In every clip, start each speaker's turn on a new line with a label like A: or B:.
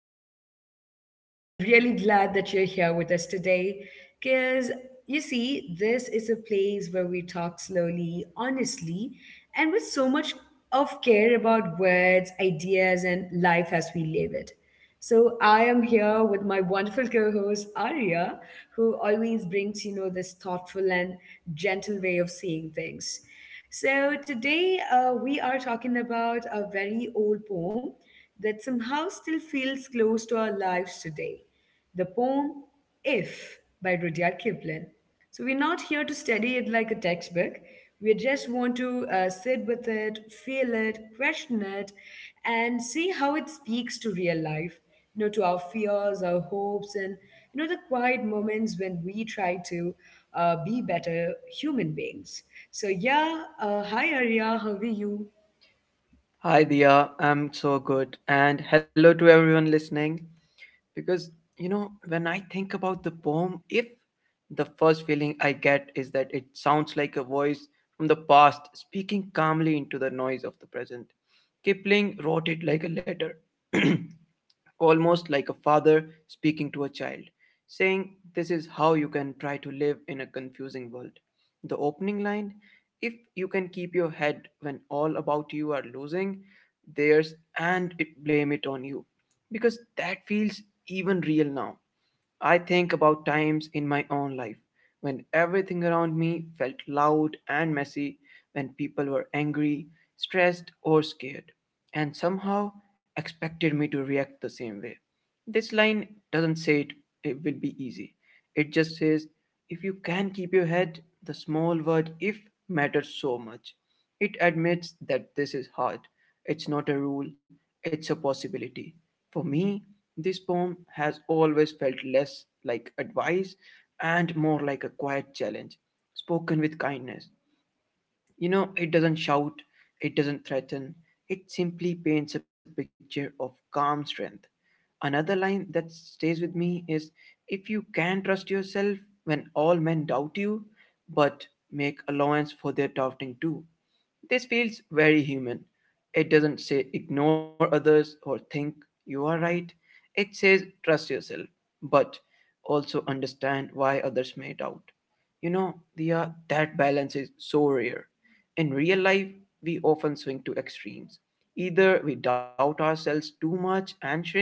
A: I am Dia, and I'm really glad that you're here with us today. Because you see, this is a place where we talk slowly, honestly, and with so much of care about words, ideas, and life as we live it. So I am here with my wonderful co-host Arya, who always brings, this thoughtful and gentle way of saying things. So today we are talking about a very old poem that somehow still feels close to our lives today. The poem If by Rudyard Kipling. So we're not here to study it like a textbook. We just want to sit with it, feel it, question it, and see how it speaks to real life, to our fears, our hopes, and the quiet moments when we try to be better human beings. So yeah, hi Arya, how are you?
B: Hi, Dia. I'm so good. And hello to everyone listening. Because, you know, when I think about the poem, if the first feeling I get is that it sounds like a voice from the past speaking calmly into the noise of the present, Kipling wrote it like a letter. Almost like a father speaking to a child, saying, this is how you can try to live in a confusing world. The opening line, if you can keep your head when all about you are losing theirs and it, blame it on you, because that feels even real now. I think about times in my own life when everything around me felt loud and messy, when people were angry, stressed, or scared, and somehow expected me to react the same way. This line doesn't say it, it will be easy. It just says, if you can keep your head, the small word if matters so much. It admits that this is hard. It's not a rule, it's a possibility. For me, this poem has always felt less like advice and more like a quiet challenge, spoken with kindness. You know, it doesn't shout, it doesn't threaten, it simply paints a picture of calm strength. Another line that stays with me is, if you can trust yourself when all men doubt you, but make allowance for their doubting too. This feels very human. It doesn't say ignore others or think you are right. It says trust yourself, but also understand why others may doubt. You know, Diya, that balance is so rare. In real life, we often swing to extremes. Either we doubt ourselves too much and shrink,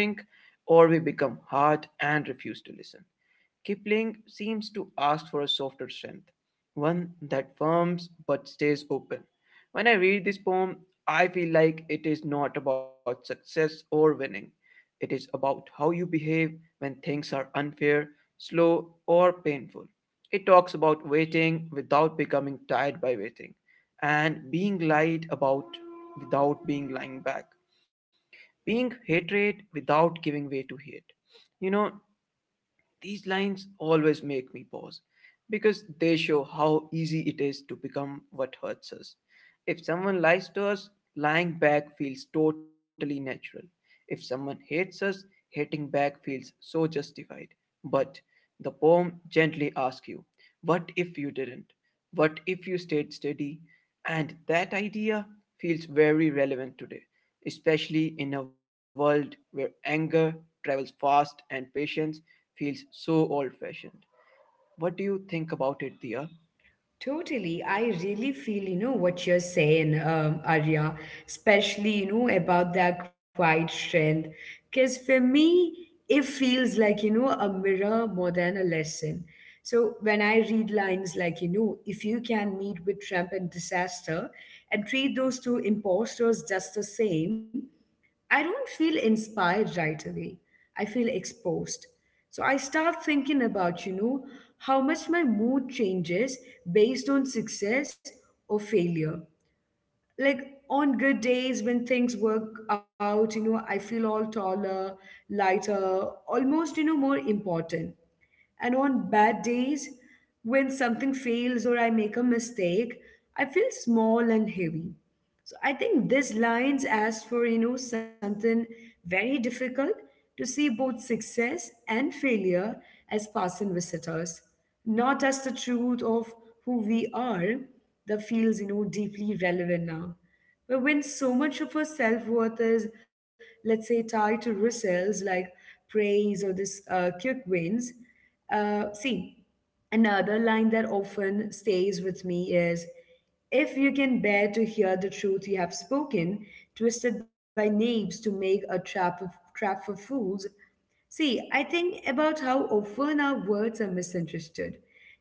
B: or we become hard and refuse to listen. Kipling seems to ask for a softer strength, one that firms but stays open. When I read this poem, I feel like it is not about success or winning. It is about how you behave when things are unfair, slow, or painful. It talks about waiting without becoming tired by waiting, and being lied about without being lying back, being hatred without giving way to hate. You know, these lines always make me pause because they show how easy it is to become what hurts us. If someone lies to us, lying back feels totally natural. If someone hates us, hating back feels so justified. But the poem gently asks you, what if you didn't? What if you stayed steady? And that idea feels very relevant today, especially in a world where anger travels fast and patience feels so old fashioned. What do you think about it, Dia?
A: Totally. I really feel, what you're saying, Arya, especially, about that quiet strength. Because for me, it feels like, a mirror more than a lesson. So when I read lines like, if you can meet with Trump and disaster and treat those two imposters just the same, I don't feel inspired right away. I feel exposed. So I start thinking about, how much my mood changes based on success or failure. Like on good days when things work out, I feel all taller, lighter, almost, more important. And on bad days, when something fails or I make a mistake, I feel small and heavy. So I think this lines ask for, something very difficult to see both success and failure as passing visitors, not as the truth of who we are. That feels, deeply relevant now. But when so much of our self worth is, let's say, tied to results like praise or this quick wins, see, another line that often stays with me is if you can bear to hear the truth you have spoken, twisted by knaves to make a trap of, trap for fools. See, I think about how often our words are misunderstood,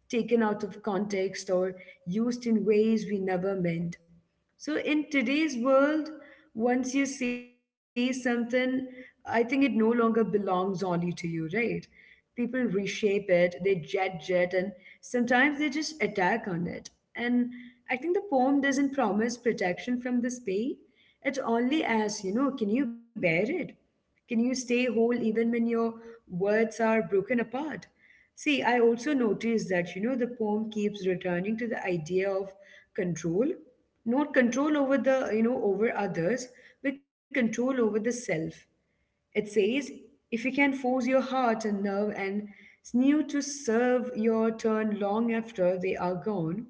A: taken out of context, or used in ways we never meant. So, in today's world, once you say something, I think it no longer belongs only to you, right? People reshape it, they judge it, and sometimes they just attack on it. And I think the poem doesn't promise protection from this pain. It only asks, can you bear it? Can you stay whole even when your words are broken apart? See, I also noticed that, the poem keeps returning to the idea of control, not control over the, over others, but control over the self. It says, if you can force your heart and nerve and sinew to serve your turn long after they are gone.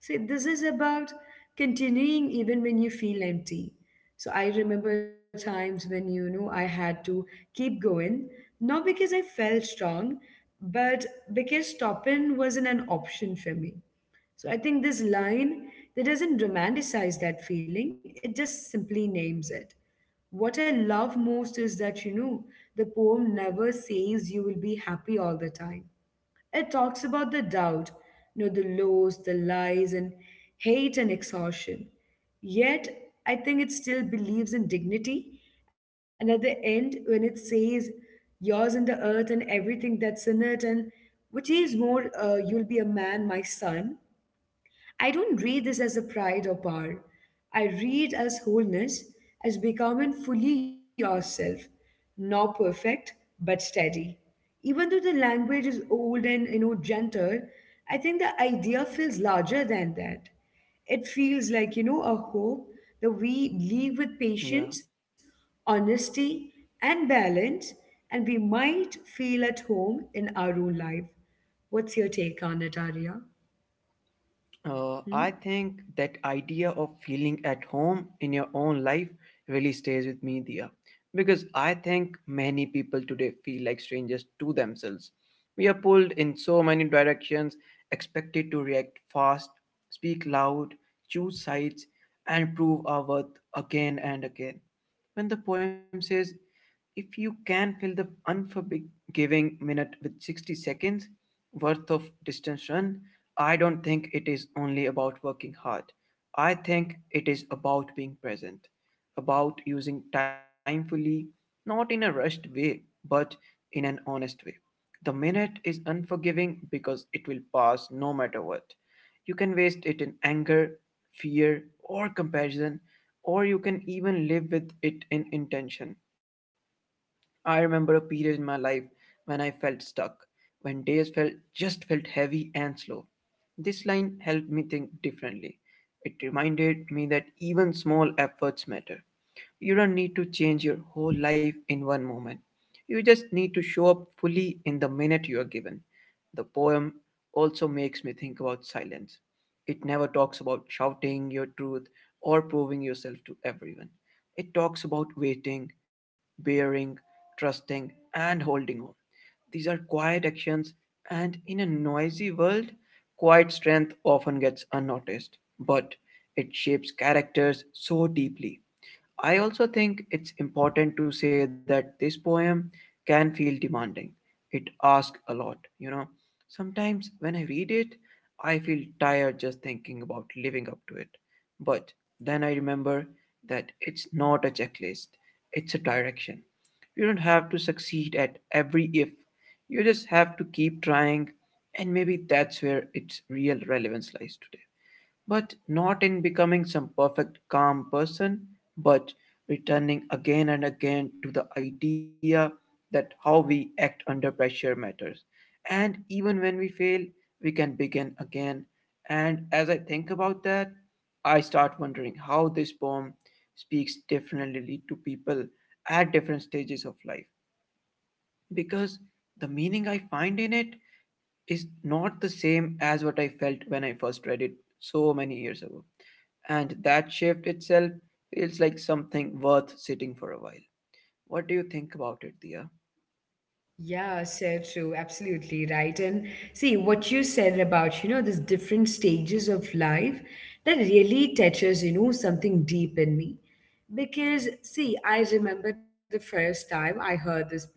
A: See, this is about continuing even when you feel empty. So I remember times when, I had to keep going, not because I felt strong, but because stopping wasn't an option for me. So I think this line that doesn't romanticize that feeling, it just simply names it. What I love most is that, the poem never says you will be happy all the time. It talks about the doubt, the lows, the lies, and hate and exhaustion. Yet, I think it still believes in dignity. And at the end, when it says, yours in the earth and everything that's in it, and which is more, you'll be a man, my son, I don't read this as a pride or power. I read as wholeness, as becoming fully yourself, not perfect, but steady. Even though the language is old and gentle, I think the idea feels larger than that. It feels like a hope that we live with
B: Yeah.
A: patience, honesty, and balance, and we might feel at home in our own life. What's your take on it, Arya? Hmm?
B: I think that idea of feeling at home in your own life really stays with me, Dia, because I think many people today feel like strangers to themselves. We are pulled in so many directions, expected to react fast, speak loud, choose sides, and prove our worth again and again. When the poem says, if you can fill the unforgiving minute with 60 seconds worth of distance run, I don't think it is only about working hard. I think it is about being present, about using time fully, not in a rushed way, but in an honest way. The minute is unforgiving because it will pass no matter what. You can waste it in anger, fear, or comparison, or you can even live with it in intention. I remember a period in my life when I felt stuck, when days felt just felt heavy and slow. This line helped me think differently. It reminded me that even small efforts matter. You don't need to change your whole life in one moment. You just need to show up fully in the minute you are given. The poem also makes me think about silence. It never talks about shouting your truth or proving yourself to everyone. It talks about waiting, bearing, trusting, and holding on. These are quiet actions, and in a noisy world, quiet strength often gets unnoticed. But it shapes characters so deeply. I also think it's important to say that this poem can feel demanding. It asks a lot, you know. Sometimes when I read it, I feel tired just thinking about living up to it. But then I remember that it's not a checklist, it's a direction. You don't have to succeed at every if, you just have to keep trying, and maybe that's where its real relevance lies today, but not in becoming some perfect calm person, but returning again and again to the idea that how we act under pressure matters. And even when we fail, we can begin again. And as I think about that, I start wondering how this poem speaks differently to people at different stages of life. Because the meaning I find in it is not the same as what I felt when I first read it so many years ago. And that shift itself feels like something worth sitting for a while. What do you think about it, Dia?
A: Yeah, so true. Absolutely right. And see what you said about, these different stages of life that really touches, something deep in me. Because, see, I remember the first time I heard this poem,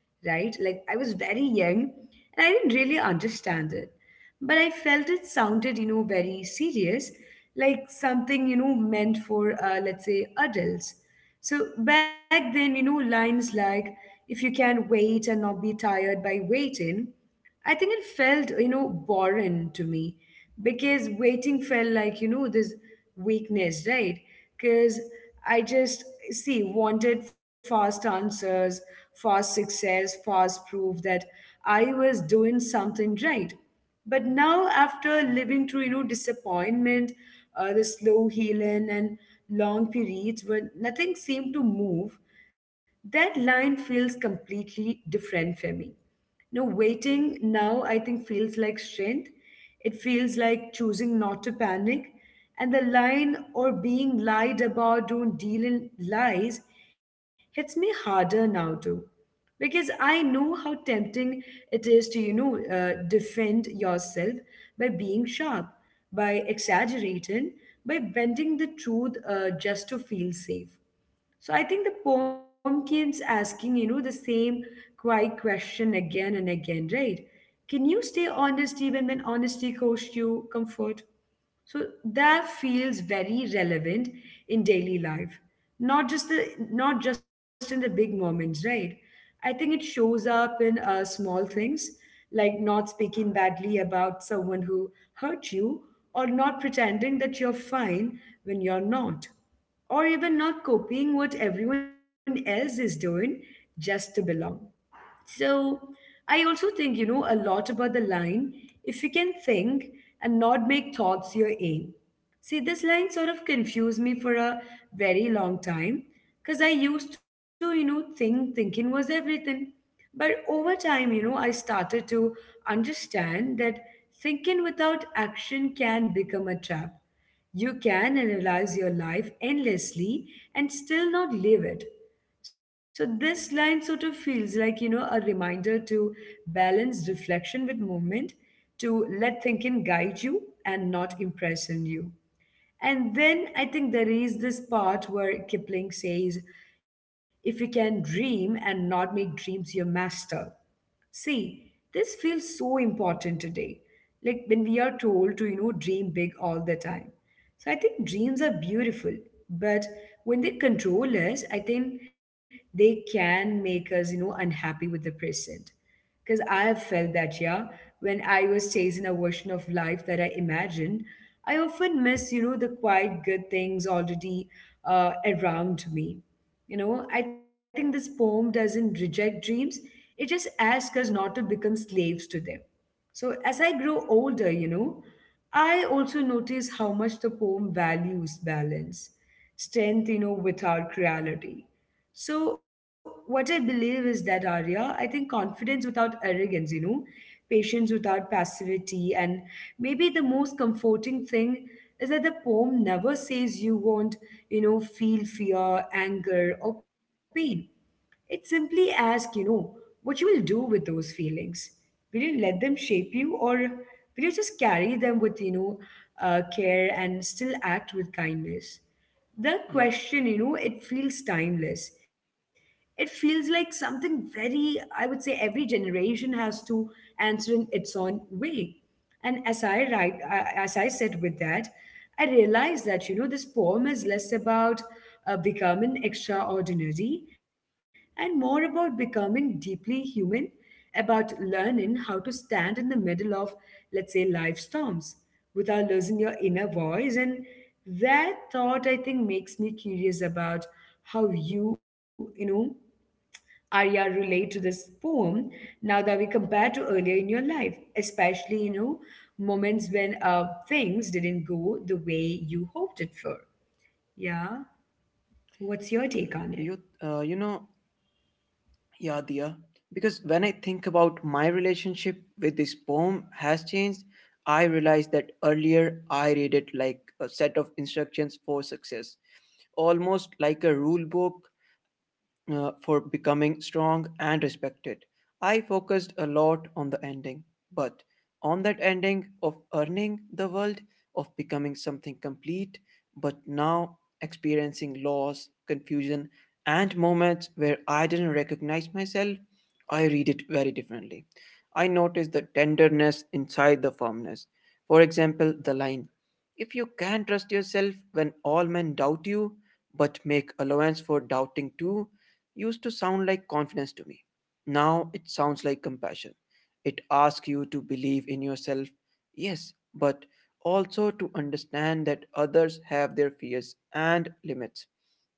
A: right? Like, I was very young and I didn't really understand it. But I felt it sounded, very serious, like something, meant for, let's say, adults. So back then, lines like, if you can wait and not be tired by waiting, I think it felt, boring to me because waiting felt like, this weakness, right? Because I just, see, wanted fast answers, fast success, fast proof that I was doing something right. But now, after living through, disappointment, the slow healing, and long periods when nothing seemed to move, that line feels completely different for me. No, waiting now I think feels like strength. It feels like choosing not to panic. And the line or being lied about, don't deal in lies, hits me harder now too. Because I know how tempting it is to, defend yourself by being sharp, by exaggerating, by bending the truth just to feel safe. So I think the poem keeps asking, the same quiet question again and again, right? Can you stay honest even when honesty costs you comfort? So that feels very relevant in daily life, not just the not just in the big moments, right? I think it shows up in small things like not speaking badly about someone who hurt you or not pretending that you're fine when you're not or even not copying what everyone else is doing just to belong. So I also think, a lot about the line if you can think and not make thoughts your aim. See, this line sort of confused me for a very long time because I used to, think thinking was everything. But over time, I started to understand that thinking without action can become a trap. You can analyze your life endlessly and still not live it. So, this line sort of feels like, a reminder to balance reflection with movement, to let thinking guide you and not imprison you. And then I think there is this part where Kipling says, if you can dream and not make dreams your master. See, this feels so important today. Like when we are told to, dream big all the time. So I think dreams are beautiful, but when they control us, I think they can make us, unhappy with the present. Because I have felt that, yeah, when I was chasing a version of life that I imagined, I often miss, the quiet good things already around me. I think this poem doesn't reject dreams, it just asks us not to become slaves to them. So, as I grow older, I also notice how much the poem values balance, strength, without cruelty. So, what I believe is that, Arya, I think confidence without arrogance, patience without passivity, and maybe the most comforting thing is that the poem never says you won't, feel fear, anger, or pain. It simply asks, what you will do with those feelings. Will you let them shape you or will you just carry them with, care and still act with kindness? The question,
B: Yeah.
A: you know, it feels timeless. It feels like something very, I would say, every generation has to answer in its own way. And as I write, as I sit with that, I realize that this poem is less about becoming extraordinary and more about becoming deeply human, about learning how to stand in the middle of, let's say, life storms without losing your inner voice. And that thought, I think, makes me curious about how you, Arya relate to this poem now that we compare to earlier in your life, especially, moments when things didn't go the way you hoped it for? Yeah. What's your take on it?
B: You uh, you know, yeah, Dia. Because when I think about my relationship with this poem has changed, I realized that earlier I read it like a set of instructions for success, almost like a rule book for becoming strong and respected. I focused a lot on the ending, but on that ending of earning the world, of becoming something complete, but now experiencing loss, confusion, and moments where I didn't recognize myself, I read it very differently. I noticed the tenderness inside the firmness. For example, the line, if you can trust yourself when all men doubt you, but make allowance for doubting too, used to sound like confidence to me. Now it sounds like compassion. It asks you to believe in yourself, yes, but also to understand that others have their fears and limits.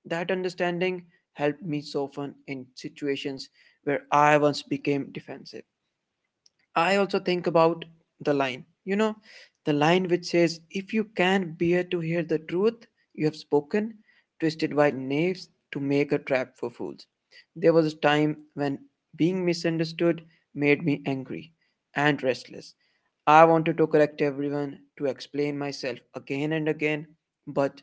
B: That understanding helped me soften in situations where I once became defensive. I also think about the line, you know, the line which says, if you can bear to hear the truth, you have spoken, twisted by knaves to make a trap for fools. There was a time when being misunderstood made me angry and restless. I wanted to correct everyone, to explain myself again and again, but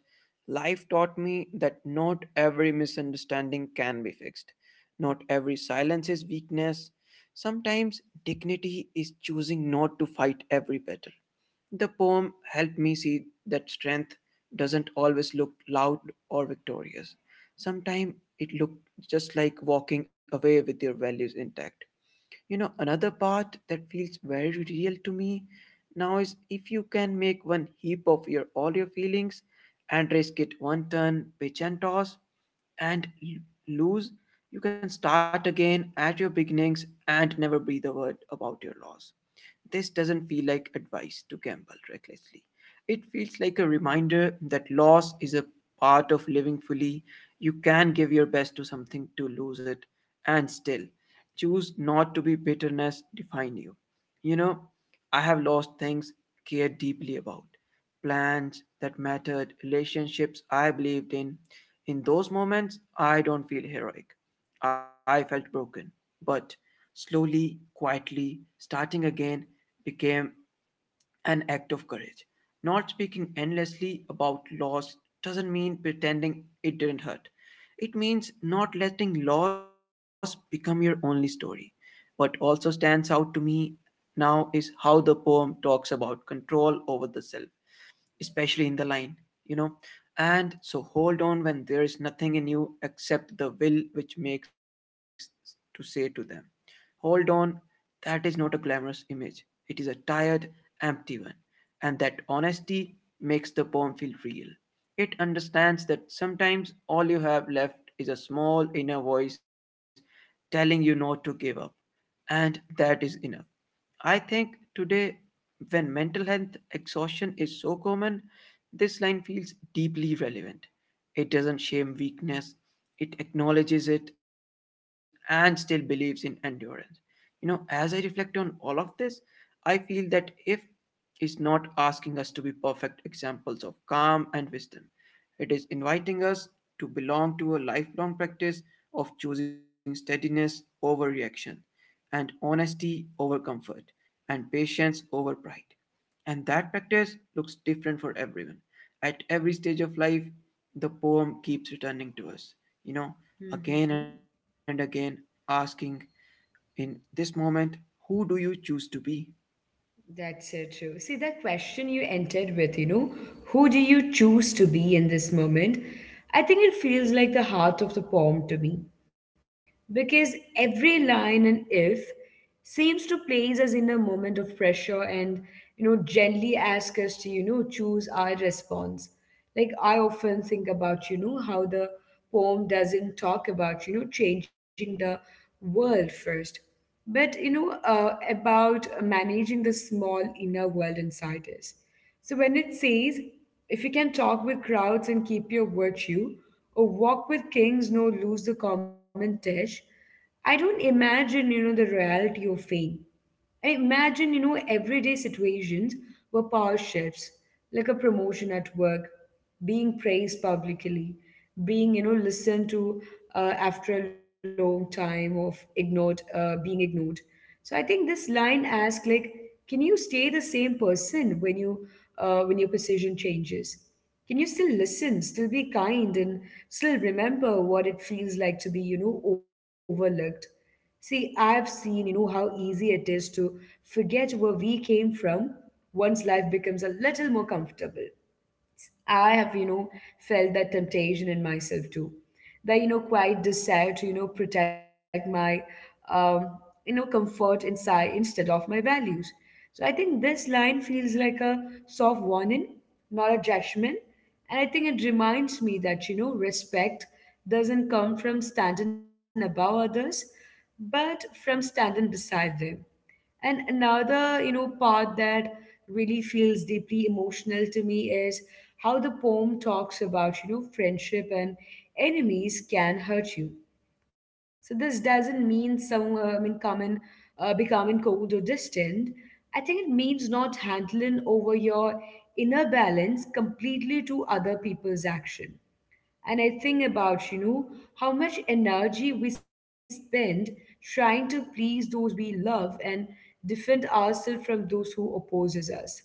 B: life taught me that not every misunderstanding can be fixed. Not every silence is weakness. Sometimes dignity is choosing not to fight every battle. The poem helped me see that strength doesn't always look loud or victorious. Sometimes it looked just like walking away with your values intact. You know, another part that feels very real to me now is, if you can make one heap of your all your feelings and risk it one turn pitch and toss and lose, you can start again at your beginnings and never breathe a word about your loss. This doesn't feel like advice to gamble recklessly. It feels like a reminder that loss is a part of living fully. You can give your best to something to lose it and still choose not to be bitterness define you. You know, I have lost things cared deeply about. Plans that mattered, relationships I believed in. In those moments, I don't feel heroic. I felt broken. But slowly, quietly, starting again became an act of courage. Not speaking endlessly about loss doesn't mean pretending it didn't hurt. It means not letting loss become your only story. What also stands out to me now is how the poem talks about control over the self, especially in the line, you know. And so hold on when there is nothing in you except the will which makes to say to them, hold on. That is not a glamorous image. It is a tired, empty one. And that honesty makes the poem feel real. It understands that sometimes all you have left is a small inner voice telling you not to give up. And that is enough. I think today, when mental health exhaustion is so common, this line feels deeply relevant. It doesn't shame weakness, it acknowledges it and still believes in endurance. You know, as I reflect on all of this, I feel that if is not asking us to be perfect examples of calm and wisdom. It is inviting us to belong to a lifelong practice of choosing steadiness over reaction and honesty over comfort and patience over pride. And that practice looks different for everyone. At every stage of life, the poem keeps returning to us, you know,
A: Hmm.
B: again and again, asking, in this moment, who do you choose to be?
A: That's so true. See, that question you entered with, who do you choose to be in this moment? I think it feels like the heart of the poem to me. Because every line in if seems to place us in a moment of pressure and, you know, gently ask us to, you know, choose our response. Like, I often think about, you know, how the poem doesn't talk about, you know, changing the world first, but, you know, about managing the small inner world inside us. So when it says, if you can talk with crowds and keep your virtue, or walk with kings nor lose the common dish, I don't imagine, you know, the reality of fame. I imagine, you know, everyday situations where power shifts, like a promotion at work, being praised publicly, being, you know, listened to after a long time of ignored, being ignored. So I think this line asks, like, can you stay the same person when you when your position changes? Can you still listen, still be kind, and still remember what it feels like to be, you know, overlooked? See, I've seen, you know, how easy it is to forget where we came from once life becomes a little more comfortable. I have, you know, felt that temptation in myself too. The, you know, quiet desire to, you know, protect my, um, you know, comfort inside instead of my values. So I think this line feels like a soft warning, not a judgment. And I think it reminds me that, you know, respect doesn't come from standing above others, but from standing beside them. And another, you know, part that really feels deeply emotional to me is how the poem talks about, you know, friendship and enemies can hurt you. So this doesn't mean some, common, becoming cold or distant. I think it means not handling over your inner balance completely to other people's action. And I think about, you know, how much energy we spend trying to please those we love and defend ourselves from those who opposes us.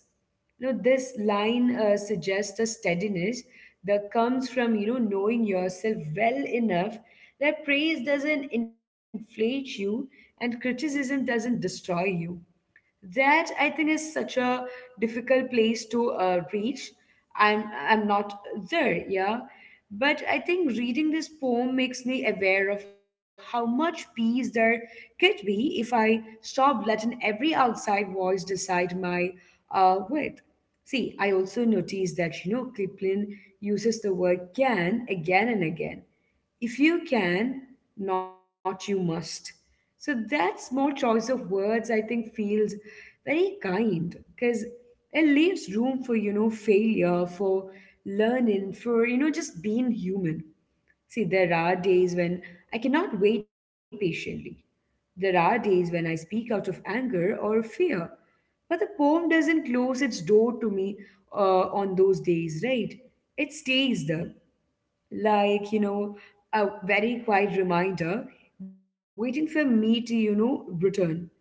A: You know, this line suggests a steadiness that comes from, you know, knowing yourself well enough that praise doesn't inflate you and criticism doesn't destroy you. That, I think, is such a difficult place to reach. I'm i'm not there, yeah. But I think reading this poem makes me aware of how much peace there could be if I stopped letting every outside voice decide my worth. See, I also noticed that, you know, Kipling uses the word can again and again. If you can, not you must. So that small choice of words, I think, feels very kind because it leaves room for, you know, failure, for learning, for, you know, just being human. See, there are days when I cannot wait patiently. There are days when I speak out of anger or fear, but the poem doesn't close its door to me on those days, right? It stays there, like, you know, a very quiet reminder waiting for me to, you know, return.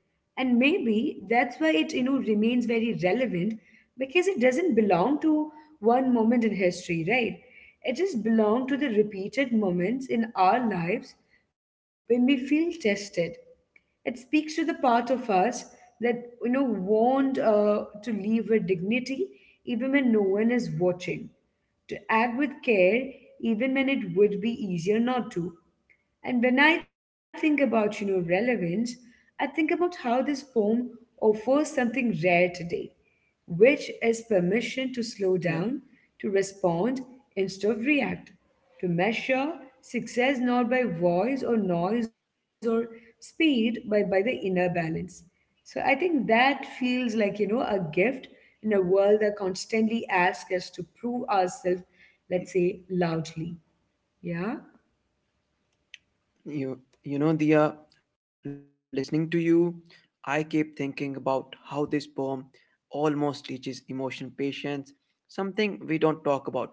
A: And maybe that's why it, you know, remains very relevant, because it doesn't belong to one moment in history, right? It just belongs to the repeated moments in our lives when we feel tested. It speaks to the part of us that, you know, warned to live with dignity even when no one is watching, to act with care even when it would be easier not to. And when I think about, you know, relevance, I think about how this poem offers something rare today, which is
B: Yeah.
A: permission to slow down, to respond instead of react, to measure success not by voice or noise or speed, but by the inner balance. So I think that feels like, you know, a gift in a world that constantly asks us to prove ourselves, let's say, loudly. Yeah?
B: You, you know, Dia, listening to you, I keep thinking about how this poem almost teaches emotional patience, something we don't talk about enough.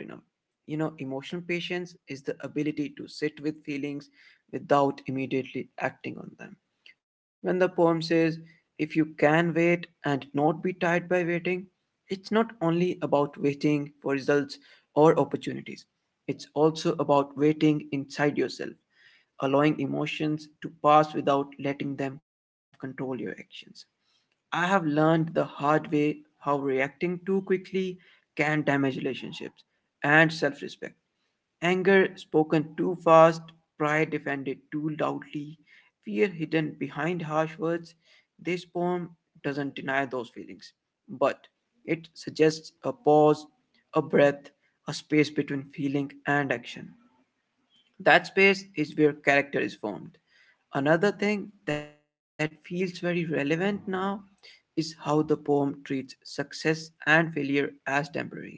B: You know, emotional patience is the ability to sit with feelings without immediately acting on them. When the poem says, if you can wait and not be tired by waiting, it's not only about waiting for results or opportunities, it's also about waiting inside yourself allowing emotions to pass without letting them control your actions. I have learned the hard way how reacting too quickly can damage relationships and self respect. Anger spoken too fast, pride defended too loudly, fear hidden behind harsh words. This poem doesn't deny those feelings, but it suggests a pause, a breath, a space between feeling and action. That space is where character is formed. Another thing that feels very relevant now is how the poem treats success and failure as temporary.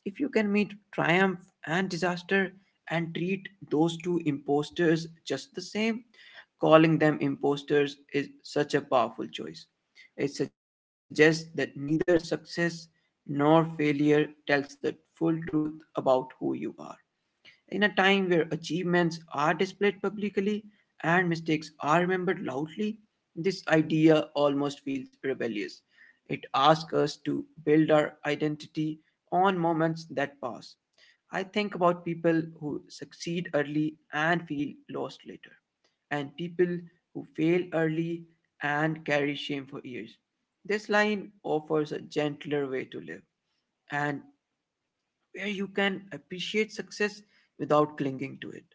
B: If you can meet triumph and disaster and treat those two imposters just the same, calling them imposters is such a powerful choice. It suggests that neither success nor failure tells the full truth about who you are. In a time where achievements are displayed publicly and mistakes are remembered loudly, this idea almost feels rebellious. It asks us to build our identity on moments that pass. I think about people who succeed early and feel lost later, and people who fail early and carry shame for years. This line offers a gentler way to live, and where you can appreciate success without clinging to it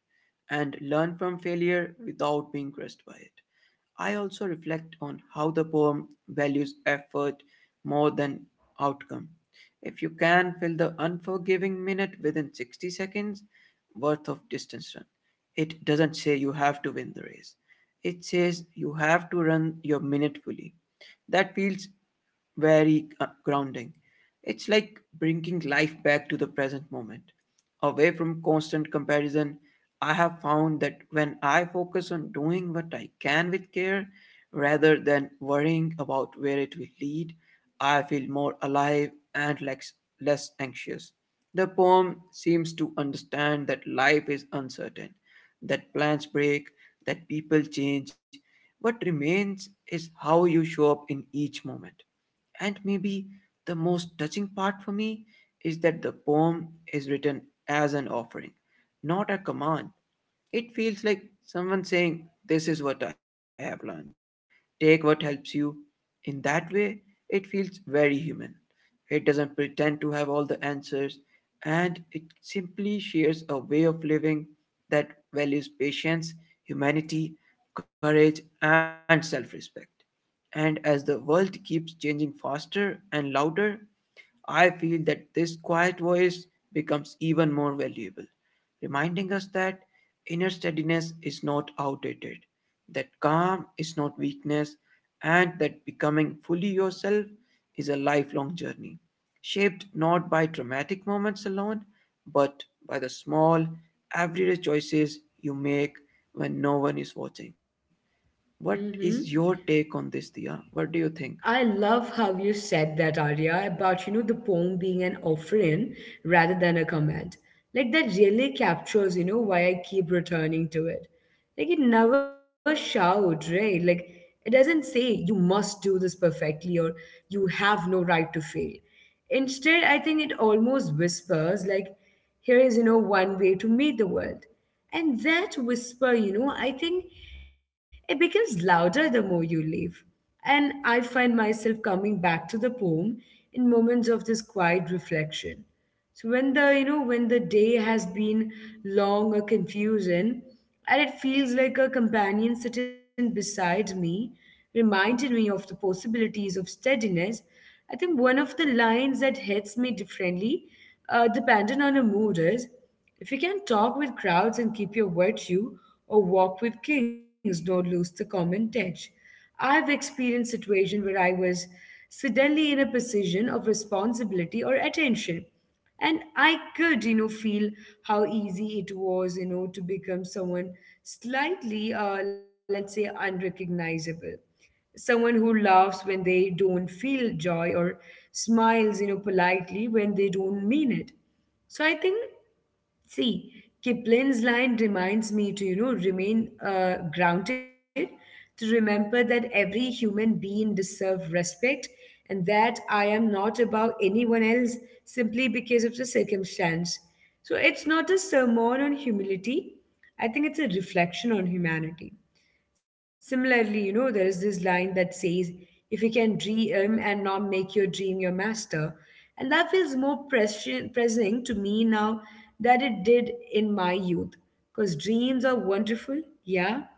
B: and learn from failure without being crushed by it. I also reflect on how the poem values effort more than outcome. If you can fill the unforgiving minute within 60 seconds worth of distance run, it doesn't say you have to win the race. It says you have to run your minute fully. That feels very grounding. It's like bringing life back to the present moment, away from constant comparison. I have found that when I focus on doing what I can with care rather than worrying about where it will lead, I feel more alive and less anxious. The poem seems to understand that life is uncertain, that plans break, that people change, what remains is how you show up in each moment. And maybe the most touching part for me is that the poem is written as an offering, not a command. It feels like someone saying, this is what I have learned. Take what helps you. In that way, it feels very human. It doesn't pretend to have all the answers, and it simply shares a way of living that values patience, humanity, courage, and self respect. And as the world keeps changing faster and louder, I feel that this quiet voice becomes even more valuable, reminding us that inner steadiness is not outdated, that calm is not weakness, and that becoming fully yourself is a lifelong journey, shaped not by dramatic moments alone, but by the small, everyday choices you make when no one is watching. What is your
A: Mm-hmm.
B: take on this, Dia? What do you think?
A: I love how you said that, Arya, about, you know, the poem being an offering rather than a command. Like, that really captures, you know, why I keep returning to it. Like, it never shouts, right? Like, it doesn't say you must do this perfectly or you have no right to fail. Instead, I think it almost whispers, like, here is, you know, one way to meet the world. And that whisper, you know, I think it becomes louder the more you leave. And I find myself coming back to the poem in moments of this quiet reflection. So when the, you know, when the day has been long or confusing, and it feels like a companion sitting beside me, reminded me of the possibilities of steadiness. I think one of the lines that hits me differently, depending on the mood, is if you can talk with crowds and keep your virtue, or walk with kings, don't lose the common touch. I've experienced situations where I was suddenly in a position of responsibility or attention. And I could, you know, feel how easy it was, you know, to become someone slightly, let's say, unrecognizable. Someone who laughs when they don't feel joy or smiles, you know, politely when they don't mean it. So I think, see, Kipling's line reminds me to, you know, remain grounded, to remember that every human being deserves respect and that I am not above anyone else simply because of the circumstance. So it's not a sermon on humility, I think it's a reflection on humanity. Similarly, you know, there is this line that says, if you can dream and not make your dream your master. And that feels more pressing to me now that it did in my youth. Because dreams are wonderful, yeah.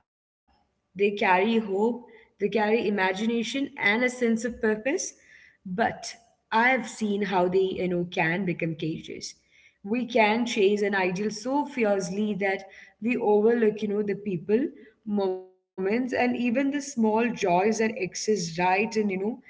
A: They carry hope, they carry imagination and a sense of purpose. But I've seen how they, you know, can become cages. We can chase an ideal so fiercely that we overlook, you know, the people, moments, and even the small joys that exist right in, you know,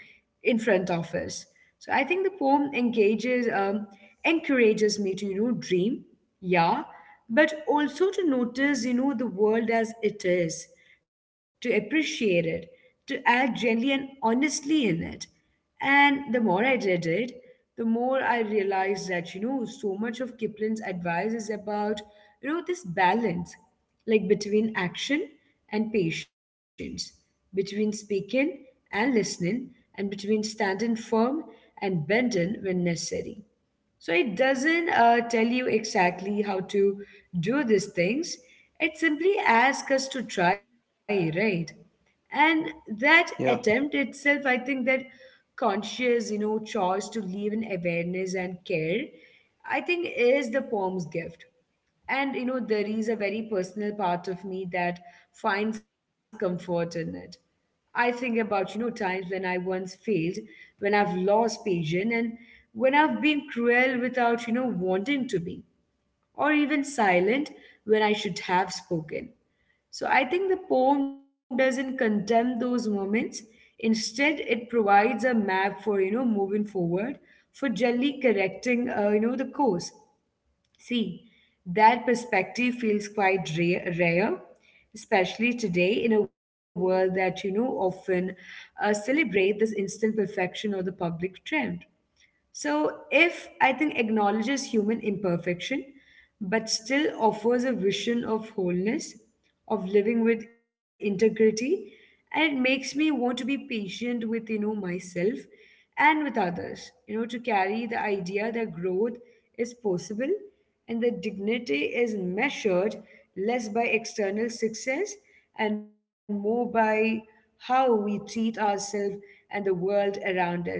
A: in front of us. So I think the poem encourages me to, you know, dream, yeah, but also to notice, you know, the world as it is, to appreciate it, to act gently and honestly in it. And the more I read it, the more I realized that, you know, so much of Kipling's advice is about, you know, this balance, like between action and patience, between speaking and listening, and between standing firm and bending when necessary. So it doesn't tell you exactly how to do these things. It simply asks us to try, right? And that attempt
B: Yeah,
A: itself, I think that conscious, you know, choice to live in awareness and care, I think is the poem's gift. And you know, there is a very personal part of me that finds comfort in it. I think about, you know, times when I once failed, when I've lost patience, and when I've been cruel without, you know, wanting to be, or even silent when I should have spoken. So I think the poem doesn't condemn those moments. Instead, it provides a map for, you know, moving forward, for gently correcting, you know, the course. See, that perspective feels quite rare, especially today in a world that, you know, often celebrate this instant perfection or the public trend. So, if I think acknowledges human imperfection, but still offers a vision of wholeness, of living with integrity, and it makes me want to be patient with, you know, myself and with others. You know, to carry the idea that growth is possible and that dignity is measured less by external success and more by how we treat ourselves and the world around us.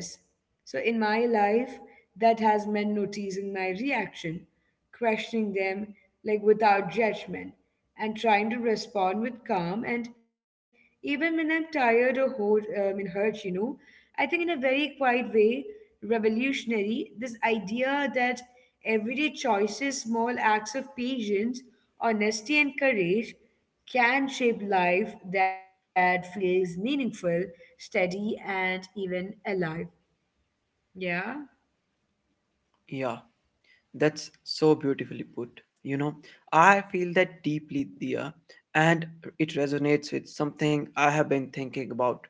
A: So in my life, that has meant noticing my reaction, questioning them, like, without judgment, and trying to respond with calm. And even when I'm tired or hurt, you know, I think in a very quiet way, revolutionary, this idea that everyday choices, small acts of patience, honesty, and courage can shape life that feels meaningful, steady, and even alive. Yeah.
B: yeah. That's so beautifully put. You know, I feel that deeply, Dia, and it resonates with something I have been thinking about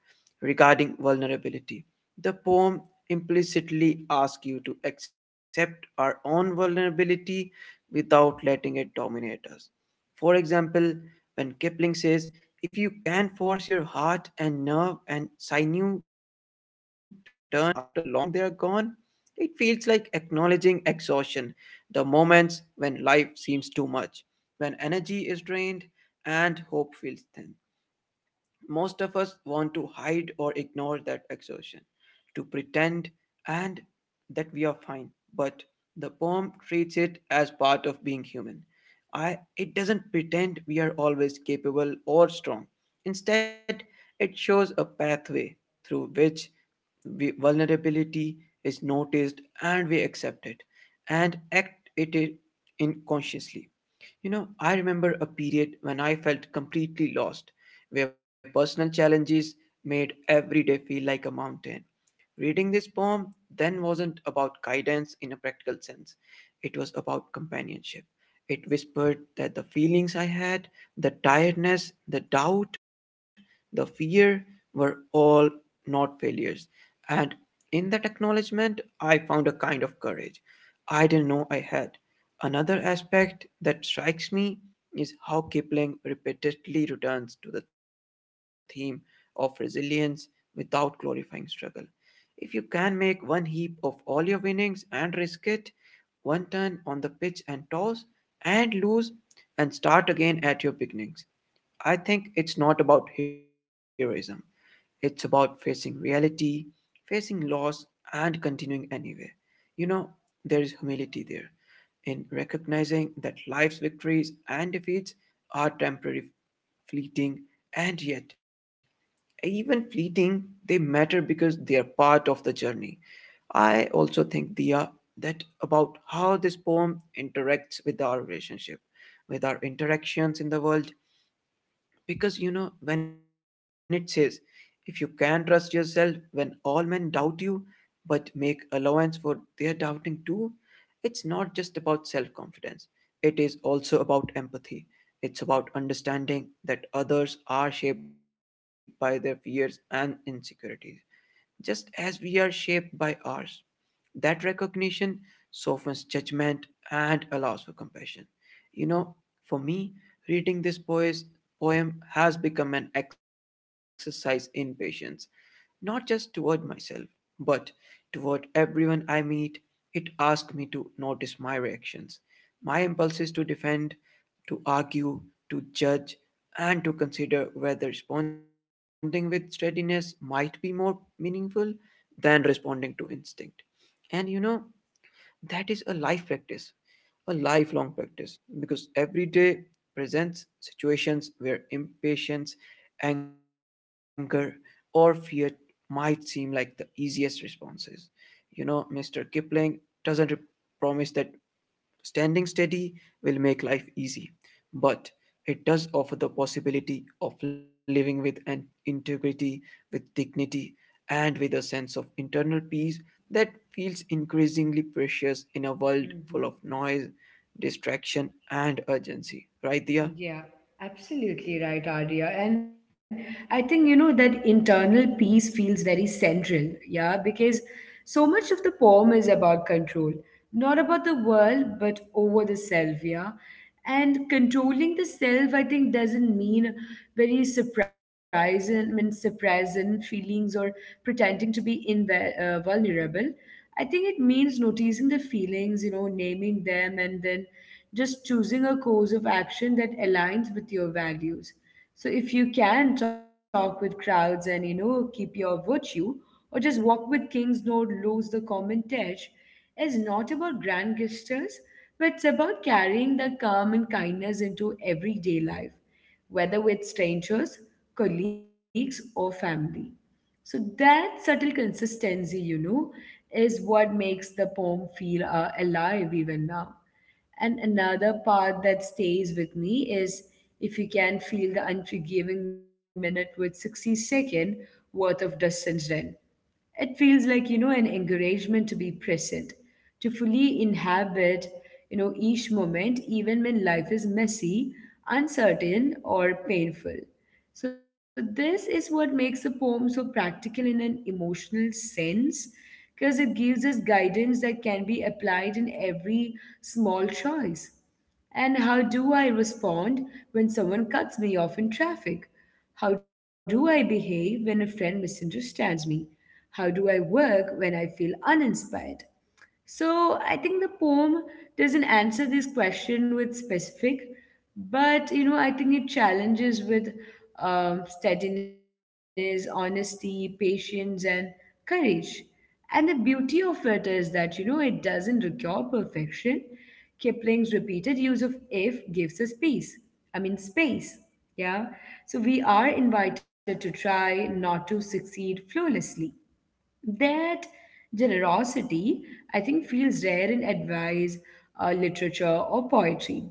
B: regarding vulnerability. The poem implicitly asks you to accept our own vulnerability without letting it dominate us. For example, when Kipling says, if you can force your heart and nerve and sinew to serve your turn after long they are gone, it feels like acknowledging exhaustion, the moments when life seems too much, when energy is drained and hope feels thin. Most of us want to hide or ignore that exhaustion, to pretend and that we are fine, but the poem treats it as part of being human. It doesn't pretend we are always capable or strong. Instead, it shows a pathway through which vulnerability is noticed and we accept it and act in consciously. You know, I remember a period when I felt completely lost, where personal challenges made every day feel like a mountain. Reading this poem then wasn't about guidance in a practical sense, it was about companionship. It whispered that the feelings I had, the tiredness, the doubt, the fear, were all not failures. And in that acknowledgement, I found a kind of courage I didn't know I had. Another aspect that strikes me is how Kipling repeatedly returns to the theme of resilience without glorifying struggle. If you can make one heap of all your winnings and risk it, one turn on the pitch and toss and lose and start again at your beginnings. I think it's not about heroism. It's about facing reality, facing loss, and continuing anyway. You know, there is humility there in recognizing that life's victories and defeats are temporary, fleeting, and yet, even fleeting, they matter because they are part of the journey. I also think, Dia, that about how this poem interacts with our relationship, with our interactions in the world, because you know, when it says, if you can trust yourself when all men doubt you, but make allowance for their doubting too, it's not just about self confidence. It is also about empathy. It's about understanding that others are shaped by their fears and insecurities, just as we are shaped by ours. That recognition softens judgment and allows for compassion. You know, for me, reading this poem has become an exercise in patience, not just toward myself, but toward everyone I meet. It asks me to notice my reactions, my impulses to defend, to argue, to judge, and to consider whether responding with steadiness might be more meaningful than responding to instinct. And you know, that is a life practice, a lifelong practice, because every day presents situations where impatience, anger, or fear might seem like the easiest responses. You know, Mr. Kipling doesn't promise that standing steady will make life easy, but it does offer the possibility of living with an integrity, with dignity, and with a sense of internal peace that feels increasingly precious in a world full
A: Hmm.
B: of noise, distraction, and urgency. Right, Dia?
A: Yeah. Absolutely right, Arya. And I think, you know, that internal peace feels very central. Yeah. Because so much of the poem is about control, not about the world, but over the self. Yeah. And controlling the self, I think, doesn't mean very surprising, I mean, surprising feelings or pretending to be vulnerable. I think it means noticing the feelings, you know, naming them, and then just choosing a course of action that aligns with your values. So if you can talk with crowds and, you know, keep your virtue, or just walk with kings, nor lose the common touch, is not about grand gestures, but it's about carrying the calm and kindness into everyday life, whether with strangers, colleagues, or family. So that subtle consistency, you know, is what makes the poem feel alive even now. And another part that stays with me is if you can feel the unforgiving minute with 60-second worth of distance then. It feels like, you know, an encouragement to be present, to fully inhabit, you know, each moment, even when life is messy, uncertain, or painful. So, this is what makes a poem so practical in an emotional sense, because it gives us guidance that can be applied in every small choice. And how do I respond when someone cuts me off in traffic? How do I behave when a friend misunderstands me? How do I work when I feel uninspired? So I think the poem doesn't answer this question with specific, but I think it challenges with steadiness, honesty, patience, and courage. And the beauty of it is that it doesn't require perfection. Kipling's repeated use of if gives us peace. I mean space. Yeah. So we are invited to try not to succeed flawlessly that generosity, I think, feels rare in advice, literature, or poetry.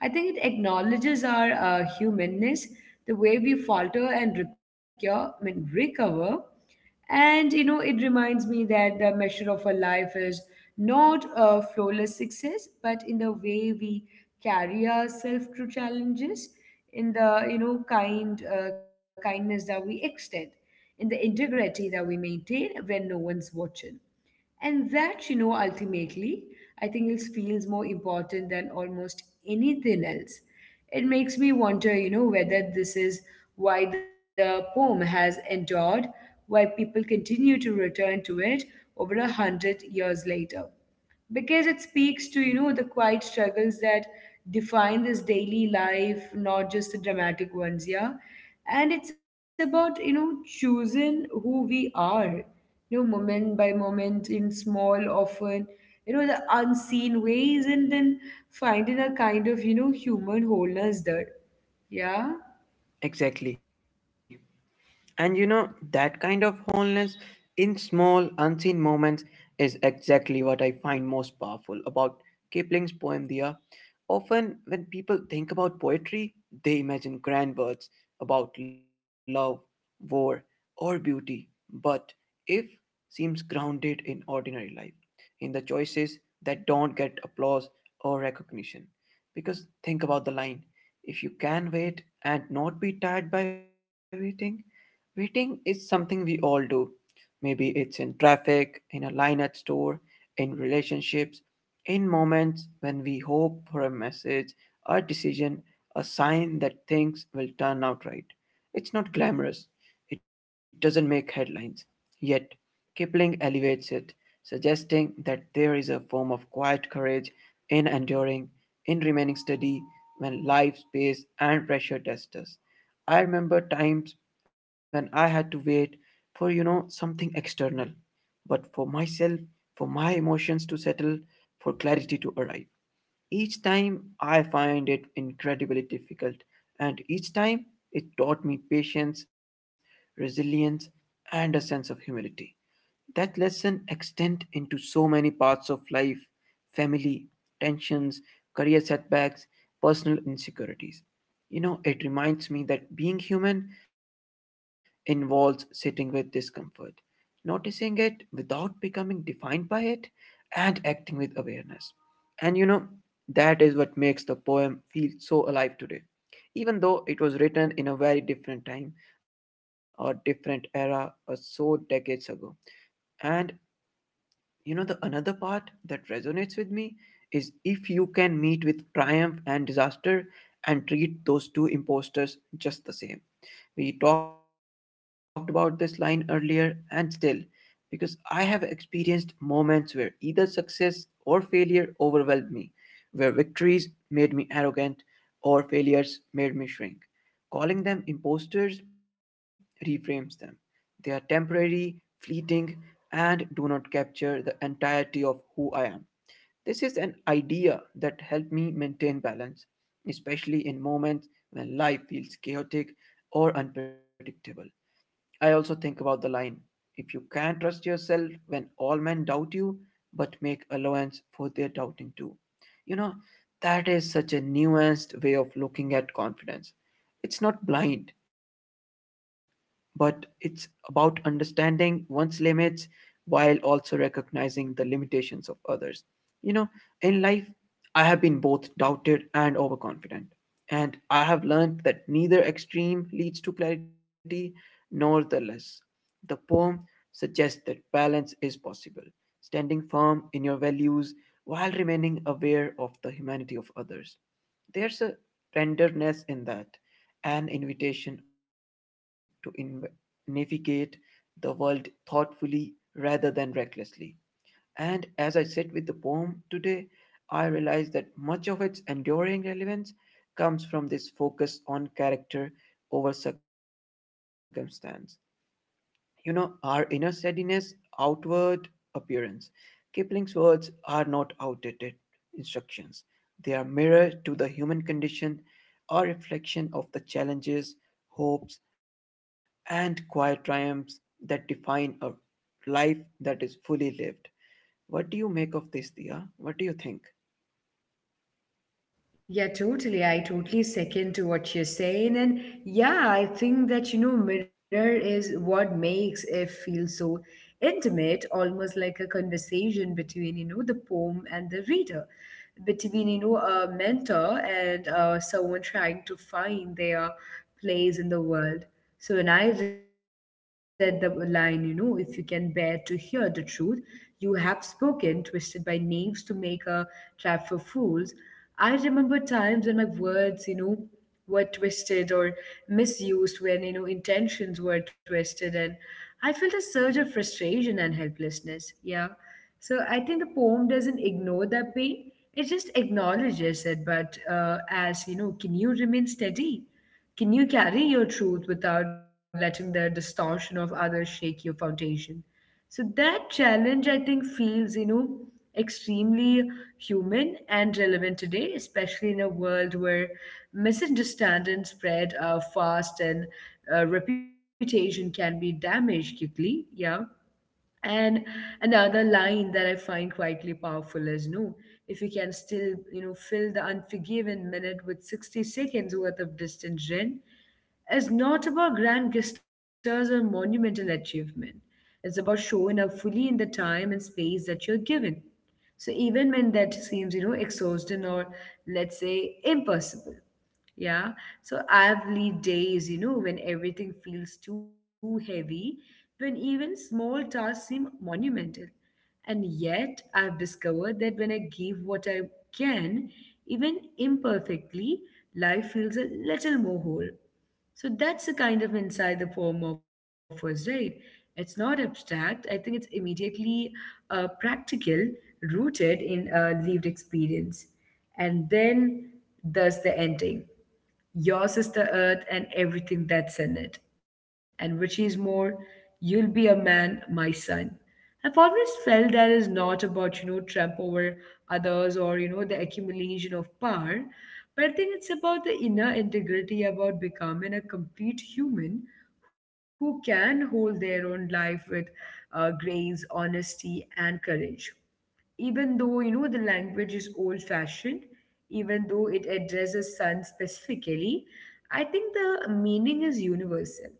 A: I think it acknowledges our humanness, the way we falter and recover. And it reminds me that the measure of a life is not a flawless success, but in the way we carry ourselves through challenges, in the kind kindness that we extend, in the integrity that we maintain when no one's watching. And that, ultimately, I think it feels more important than almost anything else. It makes me wonder, whether this is why the poem has endured, why people continue to return to it over a hundred years later because it speaks to the quiet struggles that define this daily life, not just the dramatic ones. Yeah. And it's about choosing who we are, moment by moment, in small, often, the unseen ways, and then finding a kind of human wholeness there. Yeah.
B: Exactly. And you know, that kind of wholeness in small, unseen moments is exactly what I find most powerful about Kipling's poem Dia. Often, when people think about poetry, they imagine grand words about love, war, or beauty. But if seems grounded in ordinary life, in the choices that don't get applause or recognition. Because think about the line if you can wait and not be tired by waiting, waiting is something we all do. Maybe it's in traffic, in a line at store, in relationships, in moments when we hope for a message, a decision, a sign that things will turn out right. It's not glamorous. It doesn't make headlines. Yet, Kipling elevates it, suggesting that there is a form of quiet courage in enduring, in remaining steady when life's pace and pressure test us. I remember times when I had to wait for, you know, something external, but for myself, for my emotions to settle, for clarity to arrive. Each time I find it incredibly difficult, and each time it taught me patience, resilience, and a sense of humility. That lesson extends into so many parts of life, family, tensions, career setbacks, personal insecurities. You know, it reminds me that being human involves sitting with discomfort, noticing it without becoming defined by it, and acting with awareness. And you know, that is what makes the poem feel so alive today. Even though it was written in a very different time or different era, or so decades ago. And you know the another part that resonates with me is if you can meet with triumph and disaster and treat those two imposters just the same, we talked about this line earlier and still, because I have experienced moments where either success or failure overwhelmed me, where victories made me arrogant or failures made me shrink. Calling them imposters reframes them. They are temporary, fleeting, and do not capture the entirety of who I am. This is an idea that helped me maintain balance, especially in moments when life feels chaotic or unpredictable. I also think about the line if you can trust yourself when all men doubt you, but make allowance for their doubting too. You know, that is such a nuanced way of looking at confidence. It's not blind, but it's about understanding one's limits while also recognizing the limitations of others. You know, in life, I have been both doubted and overconfident, and I have learned that neither extreme leads to clarity nor the less. The poem suggests that balance is possible, standing firm in your values while remaining aware of the humanity of others. There's a tenderness in that, an invitation to navigate the world thoughtfully rather than recklessly. And as I sit with the poem today, I realize that much of its enduring relevance comes from this focus on character over circumstance, you know, our inner steadiness, outward appearance. Kipling's words are not outdated instructions. They are mirror to the human condition, a reflection of the challenges, hopes, and quiet triumphs that define a life that is fully lived. What do you make of this, Dia? What do you think?
A: Yeah, totally. I totally second to what you're saying. And yeah, I think that, mirror is what makes it feel so intimate, almost like a conversation between, the poem and the reader, between, a mentor and someone trying to find their place in the world. So when I read the line, if you can bear to hear the truth, you have spoken, twisted by knaves to make a trap for fools. I remember times when my words, were twisted or misused, when, intentions were twisted. And I felt a surge of frustration and helplessness. Yeah. So I think the poem doesn't ignore that pain. It just acknowledges it, but as you know, can you remain steady? Can you carry your truth without letting the distortion of others shake your foundation? So that challenge, I think, feels, extremely human and relevant today, especially in a world where misunderstandings spread fast, and reputation can be damaged quickly. Yeah. And another line that I find quietly powerful is, no, if you can still, fill the unforgiven minute with 60 seconds worth of distance in, is not about grand gestures or monumental achievement. It's about showing up fully in the time and space that you're given. So even when that seems, exhausting or, let's say, impossible. Yeah. So I've lived days, when everything feels too heavy, when even small tasks seem monumental. And yet I've discovered that when I give what I can, even imperfectly, life feels a little more whole. So that's the kind of insight the form offers, right? It's not abstract. I think it's immediately practical, rooted in a lived experience. And then there's the ending, your sister earth and everything that's in it. And which is more, you'll be a man, my son. I've always felt that is not about, trump over others, or, the accumulation of power. But I think it's about the inner integrity, about becoming a complete human who can hold their own life with grace, honesty, and courage, even though the language is old fashioned, even though it addresses sun specifically, I think the meaning is universal.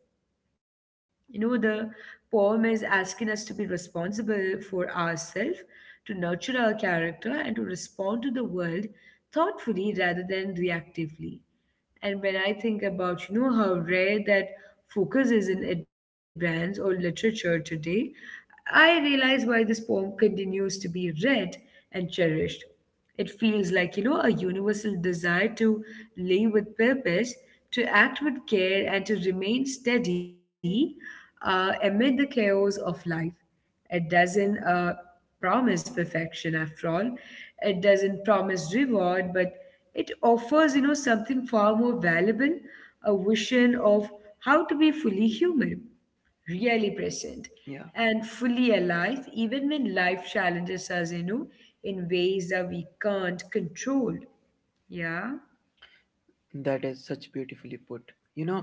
A: The poem is asking us to be responsible for ourselves, to nurture our character, and to respond to the world thoughtfully rather than reactively. And when I think about, how rare that focus is in advance or literature today, I realize why this poem continues to be read and cherished. It feels like, a universal desire to live with purpose, to act with care, and to remain steady amid the chaos of life. It doesn't promise perfection after all. It doesn't promise reward, but it offers, something far more valuable, a vision of how to be fully human, really present,
B: Yeah.
A: and fully alive, even when life challenges us, in ways that we can't control. Yeah.
B: That is such beautifully put. You know,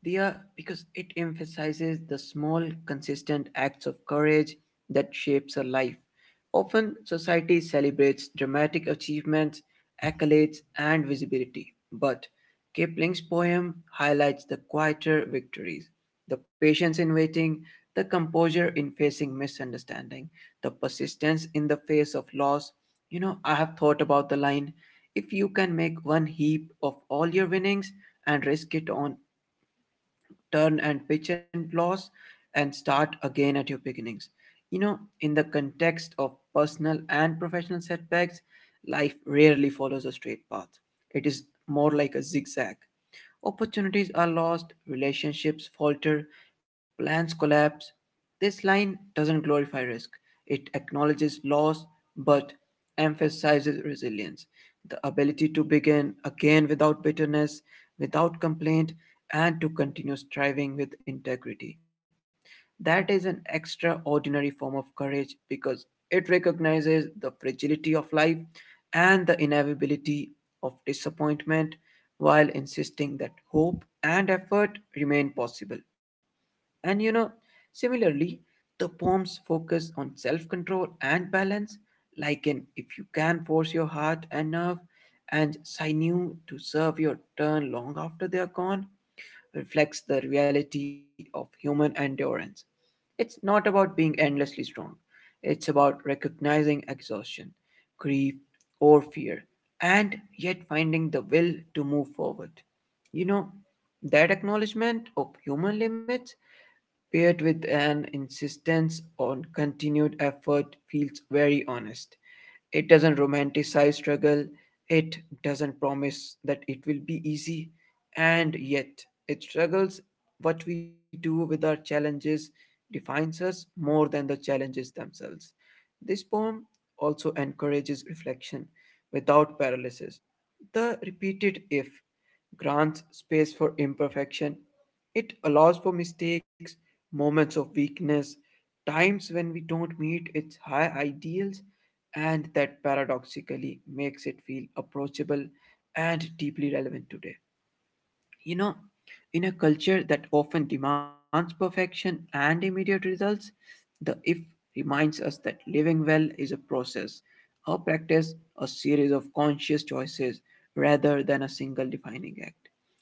B: Dia, because it emphasizes the small, consistent acts of courage that shapes a life. Often, society celebrates dramatic achievements, accolades, and visibility, but Kipling's poem highlights the quieter victories, the patience in waiting, the composure in facing misunderstanding, the persistence in the face of loss. You know, I have thought about the line, "If you can make one heap of all your winnings and risk it on turn and pitch and loss and start again at your beginnings." You know, in the context of personal and professional setbacks, life rarely follows a straight path. It is more like a zigzag. Opportunities are lost, relationships falter, plans collapse. This line doesn't glorify risk, it acknowledges loss but emphasizes resilience, the ability to begin again without bitterness, without complaint, and to continue striving with integrity. That is an extraordinary form of courage because it recognizes the fragility of life and the inevitability of disappointment while insisting that hope and effort remain possible. And you know, similarly, the poem's focus on self control and balance, like in "If you can force your heart and nerve and sinew to serve your turn long after they are gone," reflects the reality of human endurance. It's not about being endlessly strong, it's about recognizing exhaustion, grief, or fear, and yet finding the will to move forward. You know, that acknowledgement of human limits paired with an insistence on continued effort feels very honest. It doesn't romanticize struggle, it doesn't promise that it will be easy, and yet it struggles what we do with our challenges defines us more than the challenges themselves. This poem also encourages reflection without paralysis. The repeated if grants space for imperfection. It allows for mistakes, moments of weakness, times when we don't meet its high ideals, and that paradoxically makes it feel approachable and deeply relevant today. You know, in a culture that often demands perfection and immediate results, the if reminds us that living well is a process, a practice, a series of conscious choices rather than a single defining act.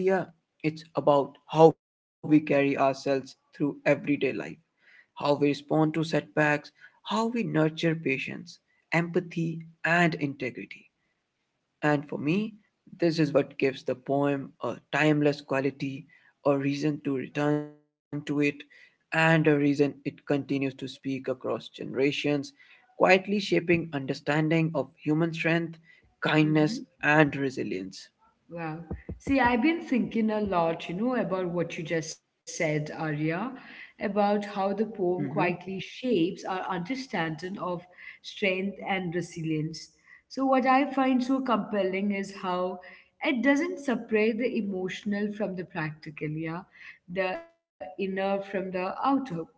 B: You know, Dia, it's about how we carry ourselves through everyday life, how we respond to setbacks, how we nurture patience, empathy, and integrity. And for me, this is what gives the poem a timeless quality, a reason to return to it, and a reason it continues to speak across generations, quietly shaping understanding of human strength,
A: Mhm.
B: kindness, and resilience.
A: Wow. See, I've been thinking a lot, about what you just said, Arya, about how the poem quietly
B: Mm-hmm.
A: shapes our understanding of strength and resilience. So, what I find so compelling is how it doesn't separate the emotional from the practical, yeah, the inner from the outer.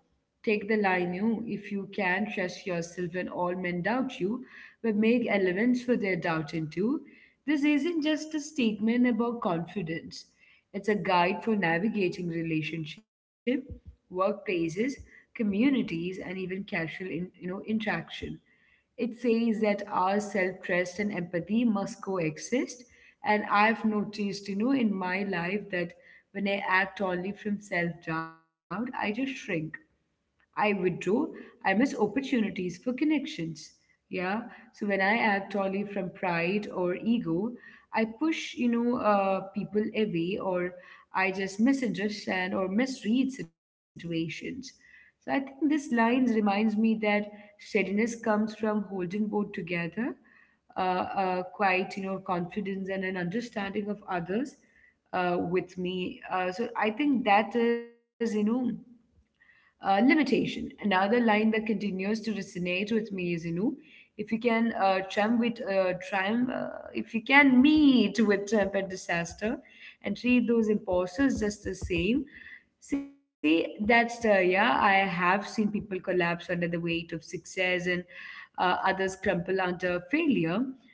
A: Take the line, you, if you can, trust yourself when all men doubt you, but make allowance for their doubt into. This isn't just a statement about confidence. It's a guide for navigating relationship, workplaces, communities, and even casual in, interaction. It says that our self-trust and empathy must coexist. And I've noticed, in my life, that when I act only from self-doubt, I just shrink. I withdraw, I miss opportunities for connections. Yeah. So when I act only from pride or ego, I push, people away, or I just misunderstand or misread situations. So I think this line reminds me that steadiness comes from holding both together, quite, confidence and an understanding of others with me. So I think that is, limitation. Another line that continues to resonate with me is, if you can triumph with triumph, if you can meet with triumph and disaster, and treat those imposters just the same. See, that's the, yeah. I have seen people collapse under the weight of success, and others crumple under failure.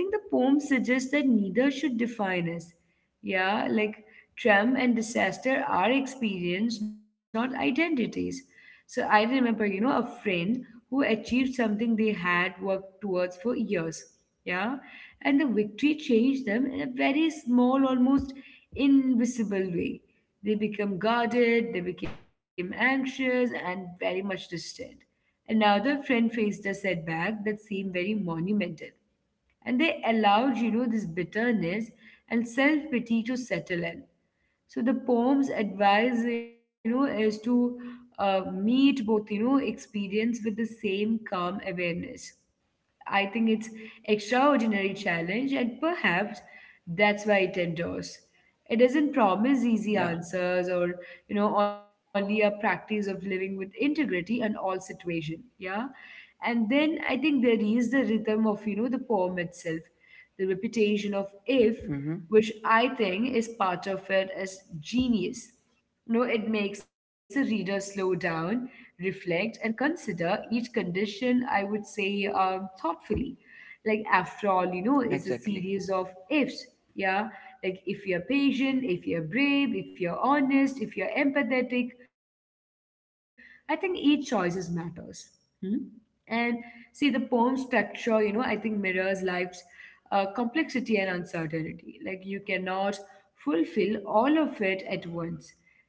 A: And I think the poem suggests that neither should define us. Yeah, like trauma and disaster are experience, not identities. So I remember, a friend who achieved something they had worked towards for years. Yeah. And the victory changed them in a very small, almost invisible way. They become guarded, they became anxious, and very much distant. Another friend faced a setback that seemed very monumental, and they allowed, this bitterness and self-pity to settle in. So the poem's advice, is to meet both, experience with the same calm awareness. I think it's extraordinary challenge, and perhaps that's why it endures. It doesn't promise easy
B: Yeah.
A: answers or, only a practice of living with integrity in all situation. Yeah. And then I think there is the rhythm of, the poem itself, the repetition of if,
B: Mm-hmm.
A: which I think is part of it as genius. No, it makes the reader slow down, reflect, and consider each condition, I would say, thoughtfully. Like, after all, is a
B: Exactly,
A: series of ifs. Yeah. Like, if you're patient, if you're brave, if you're honest, if you're empathetic, I think each choice matters. Hmm? And see, the poem structure, I think mirrors life's complexity and uncertainty. Like, you cannot fulfill all of it at once.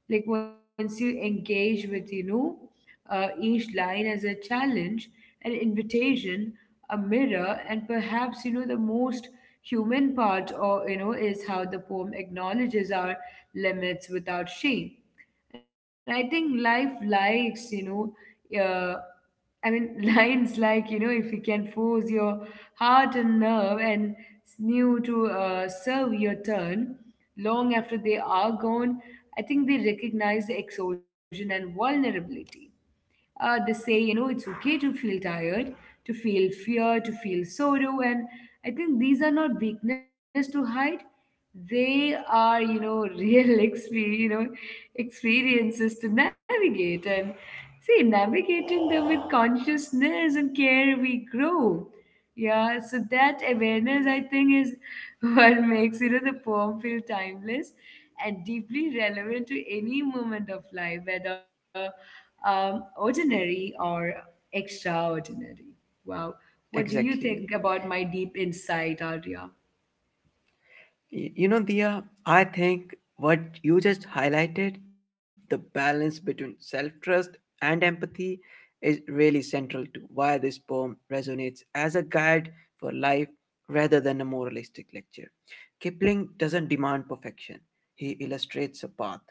A: Like, once you engage with, each line as a challenge, an invitation, a mirror, and perhaps, the most human part, or, is how the poem acknowledges our limits without shame. And I think life likes, know, uh, lines like, if you can force your heart and nerve and sinew to serve your turn long after they are gone, I think they recognize the exhaustion and vulnerability. They say, it's okay to feel tired, to feel fear, to feel sorrow. And I think these are not weakness to hide. They are, real experience, experiences to navigate. And see, navigating them with consciousness and care, we grow. Yeah, so that awareness, I think, is what makes the poem feel timeless and deeply relevant to any moment of life, whether ordinary or extraordinary. Wow, what do you think
B: exactly.
A: about my deep insight, Arya?
B: You know, Dia, I think what you just highlighted, the balance between self trust and empathy, is really central to why this poem resonates as a guide for life rather than a moralistic lecture. Kipling doesn't demand perfection, he illustrates a path.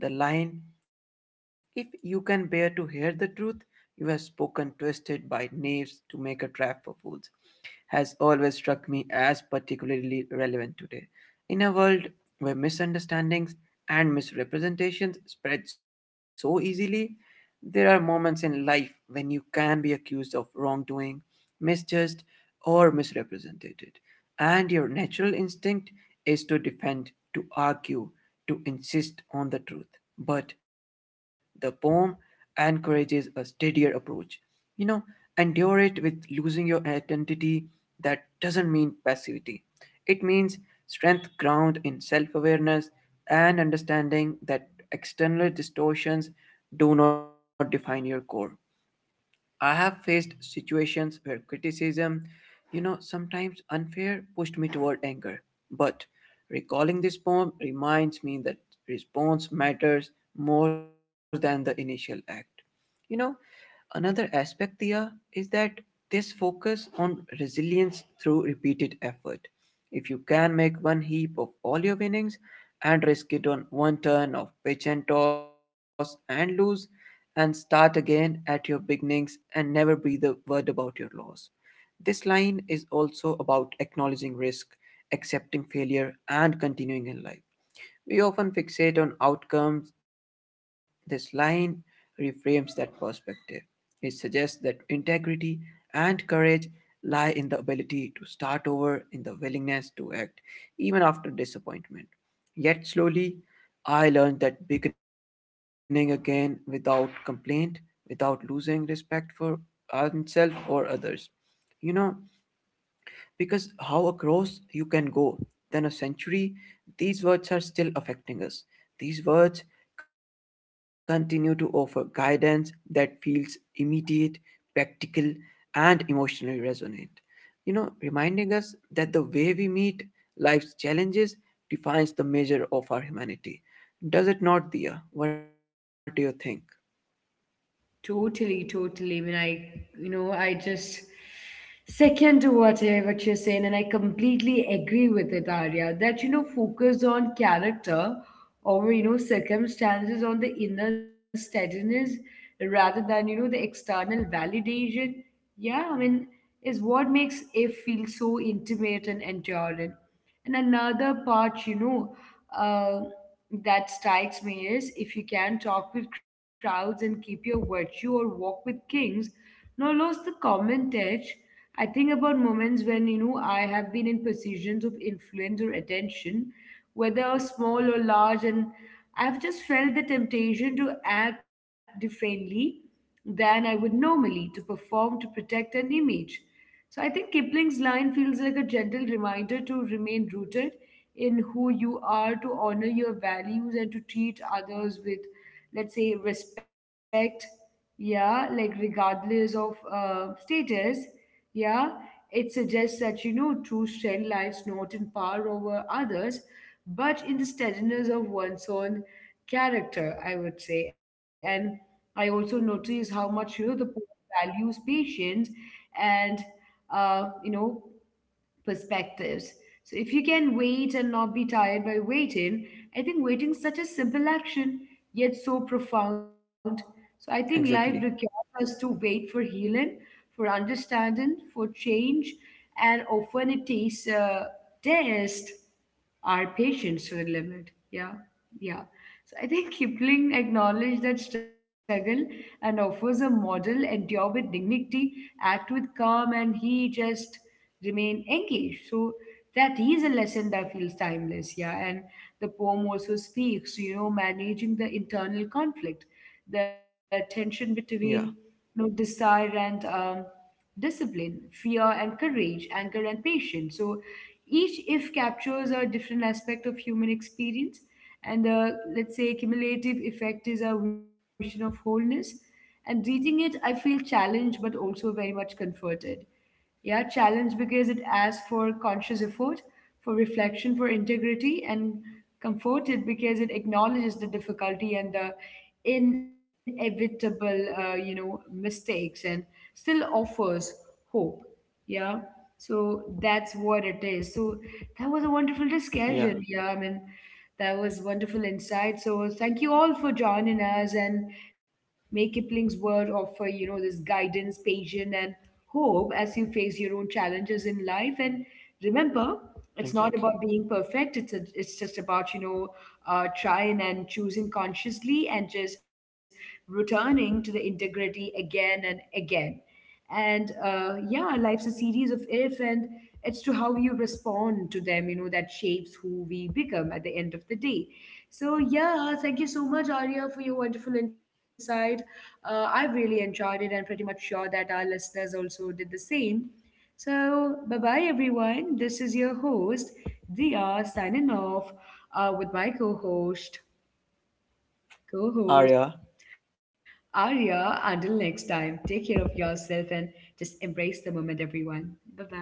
B: The line, "If you can bear to hear the truth, you have spoken twisted by knaves to make a trap for fools," has always struck me as particularly relevant today. In a world where misunderstandings and misrepresentations spread so easily, there are moments in life when you can be accused of wrongdoing, misjudged, or misrepresented. And your natural instinct is to defend, to argue, to insist on the truth. But the poem encourages a steadier approach. You know, endure it with losing your identity, that doesn't mean passivity. It means strength ground in self awareness and understanding that external distortions do not define your core. I have faced situations where criticism, you know, sometimes unfair, pushed me toward anger. But recalling this poem reminds me that response matters more than the initial act. You know, another aspect, Tia, is that this focus on resilience through repeated effort. "If you can make one heap of all your winnings and risk it on one turn of pitch and toss and lose, and start again at your beginnings and never breathe a word about your loss." This line is also about acknowledging risk, accepting failure, and continuing in life. We often fixate on outcomes. This line reframes that perspective. It suggests that integrity and courage lie in the ability to start over, in the willingness to act, even after disappointment. Yet slowly, I learned that beginning again without complaint, without losing respect for oneself or others. You know, because how across you can go than a century, these words are still affecting us. These words continue to offer guidance that feels immediate, practical, and emotionally resonant. You know, reminding us that the way we meet life's challenges defines the measure of our humanity. Does it not, Dia? What do you think?
A: Totally, totally. I mean, I, I just second to what, what you're saying, and I completely agree with it, Arya, that, focus on character over, circumstances, on the inner steadiness rather than, the external validation. Yeah, I mean, is what makes it feel so intimate and enduring. And another part, uh, that strikes me is, if you can talk with crowds and keep your virtue, or walk with kings, nor lose the common touch. I think about moments when, I have been in positions of influence or attention, whether small or large, and I've just felt the temptation to act differently than I would normally, to perform, to protect an image. So I think Kipling's line feels like a gentle reminder to remain rooted in who you are, to honor your values, and to treat others with, let's say, respect. Yeah, like regardless of status. Yeah, it suggests that true strength lies not in power over others, but in the steadiness of one's own character, I would say. And I also notice how much the poet values patience and uh, you know perspectives. So if you can wait and not be tired by waiting, I think waiting is such a simple action, yet so profound. So I think
B: Exactly.
A: life requires us to wait for healing, for understanding, for change, and often it takes test our patience to the limit. Yeah. Yeah. So I think Kipling acknowledged that struggle and offers a model, endure with dignity, act with calm, and he just remain engaged. So that is a lesson that feels timeless. Yeah. And the poem also speaks, managing the internal conflict, the tension between,
B: Yeah,
A: desire and discipline, fear and courage, anger and patience. So each if captures a different aspect of human experience. And let's say cumulative effect is our vision of wholeness. And reading it, I feel challenged but also very much comforted. Yeah, challenge because it asks for conscious effort, for reflection, for integrity, and comforted because it acknowledges the difficulty and the inevitable, mistakes, and still offers hope. Yeah. So that's what it is. So that was a wonderful discussion. Yeah.
B: yeah,
A: I mean, that was wonderful insight. So thank you all for joining us, and may Kipling's word offer, this guidance, patience, and hope as you face your own challenges in life. And remember, it's not about being
B: exactly.
A: perfect. It's just about, trying and choosing consciously, and just returning to the integrity again and again. And life's a series of if, and it's to how you respond to them, that shapes who we become at the end of the day. So yeah, thank you so much, Arya, for your wonderful insight. I've really enjoyed it, and pretty much sure that our listeners also did the same. So bye bye, everyone. This is your host, Dia, signing off with my co-host, co-host
B: Arya,
A: Arya. Until next time, take care of yourself, and just embrace the moment, everyone. Bye bye.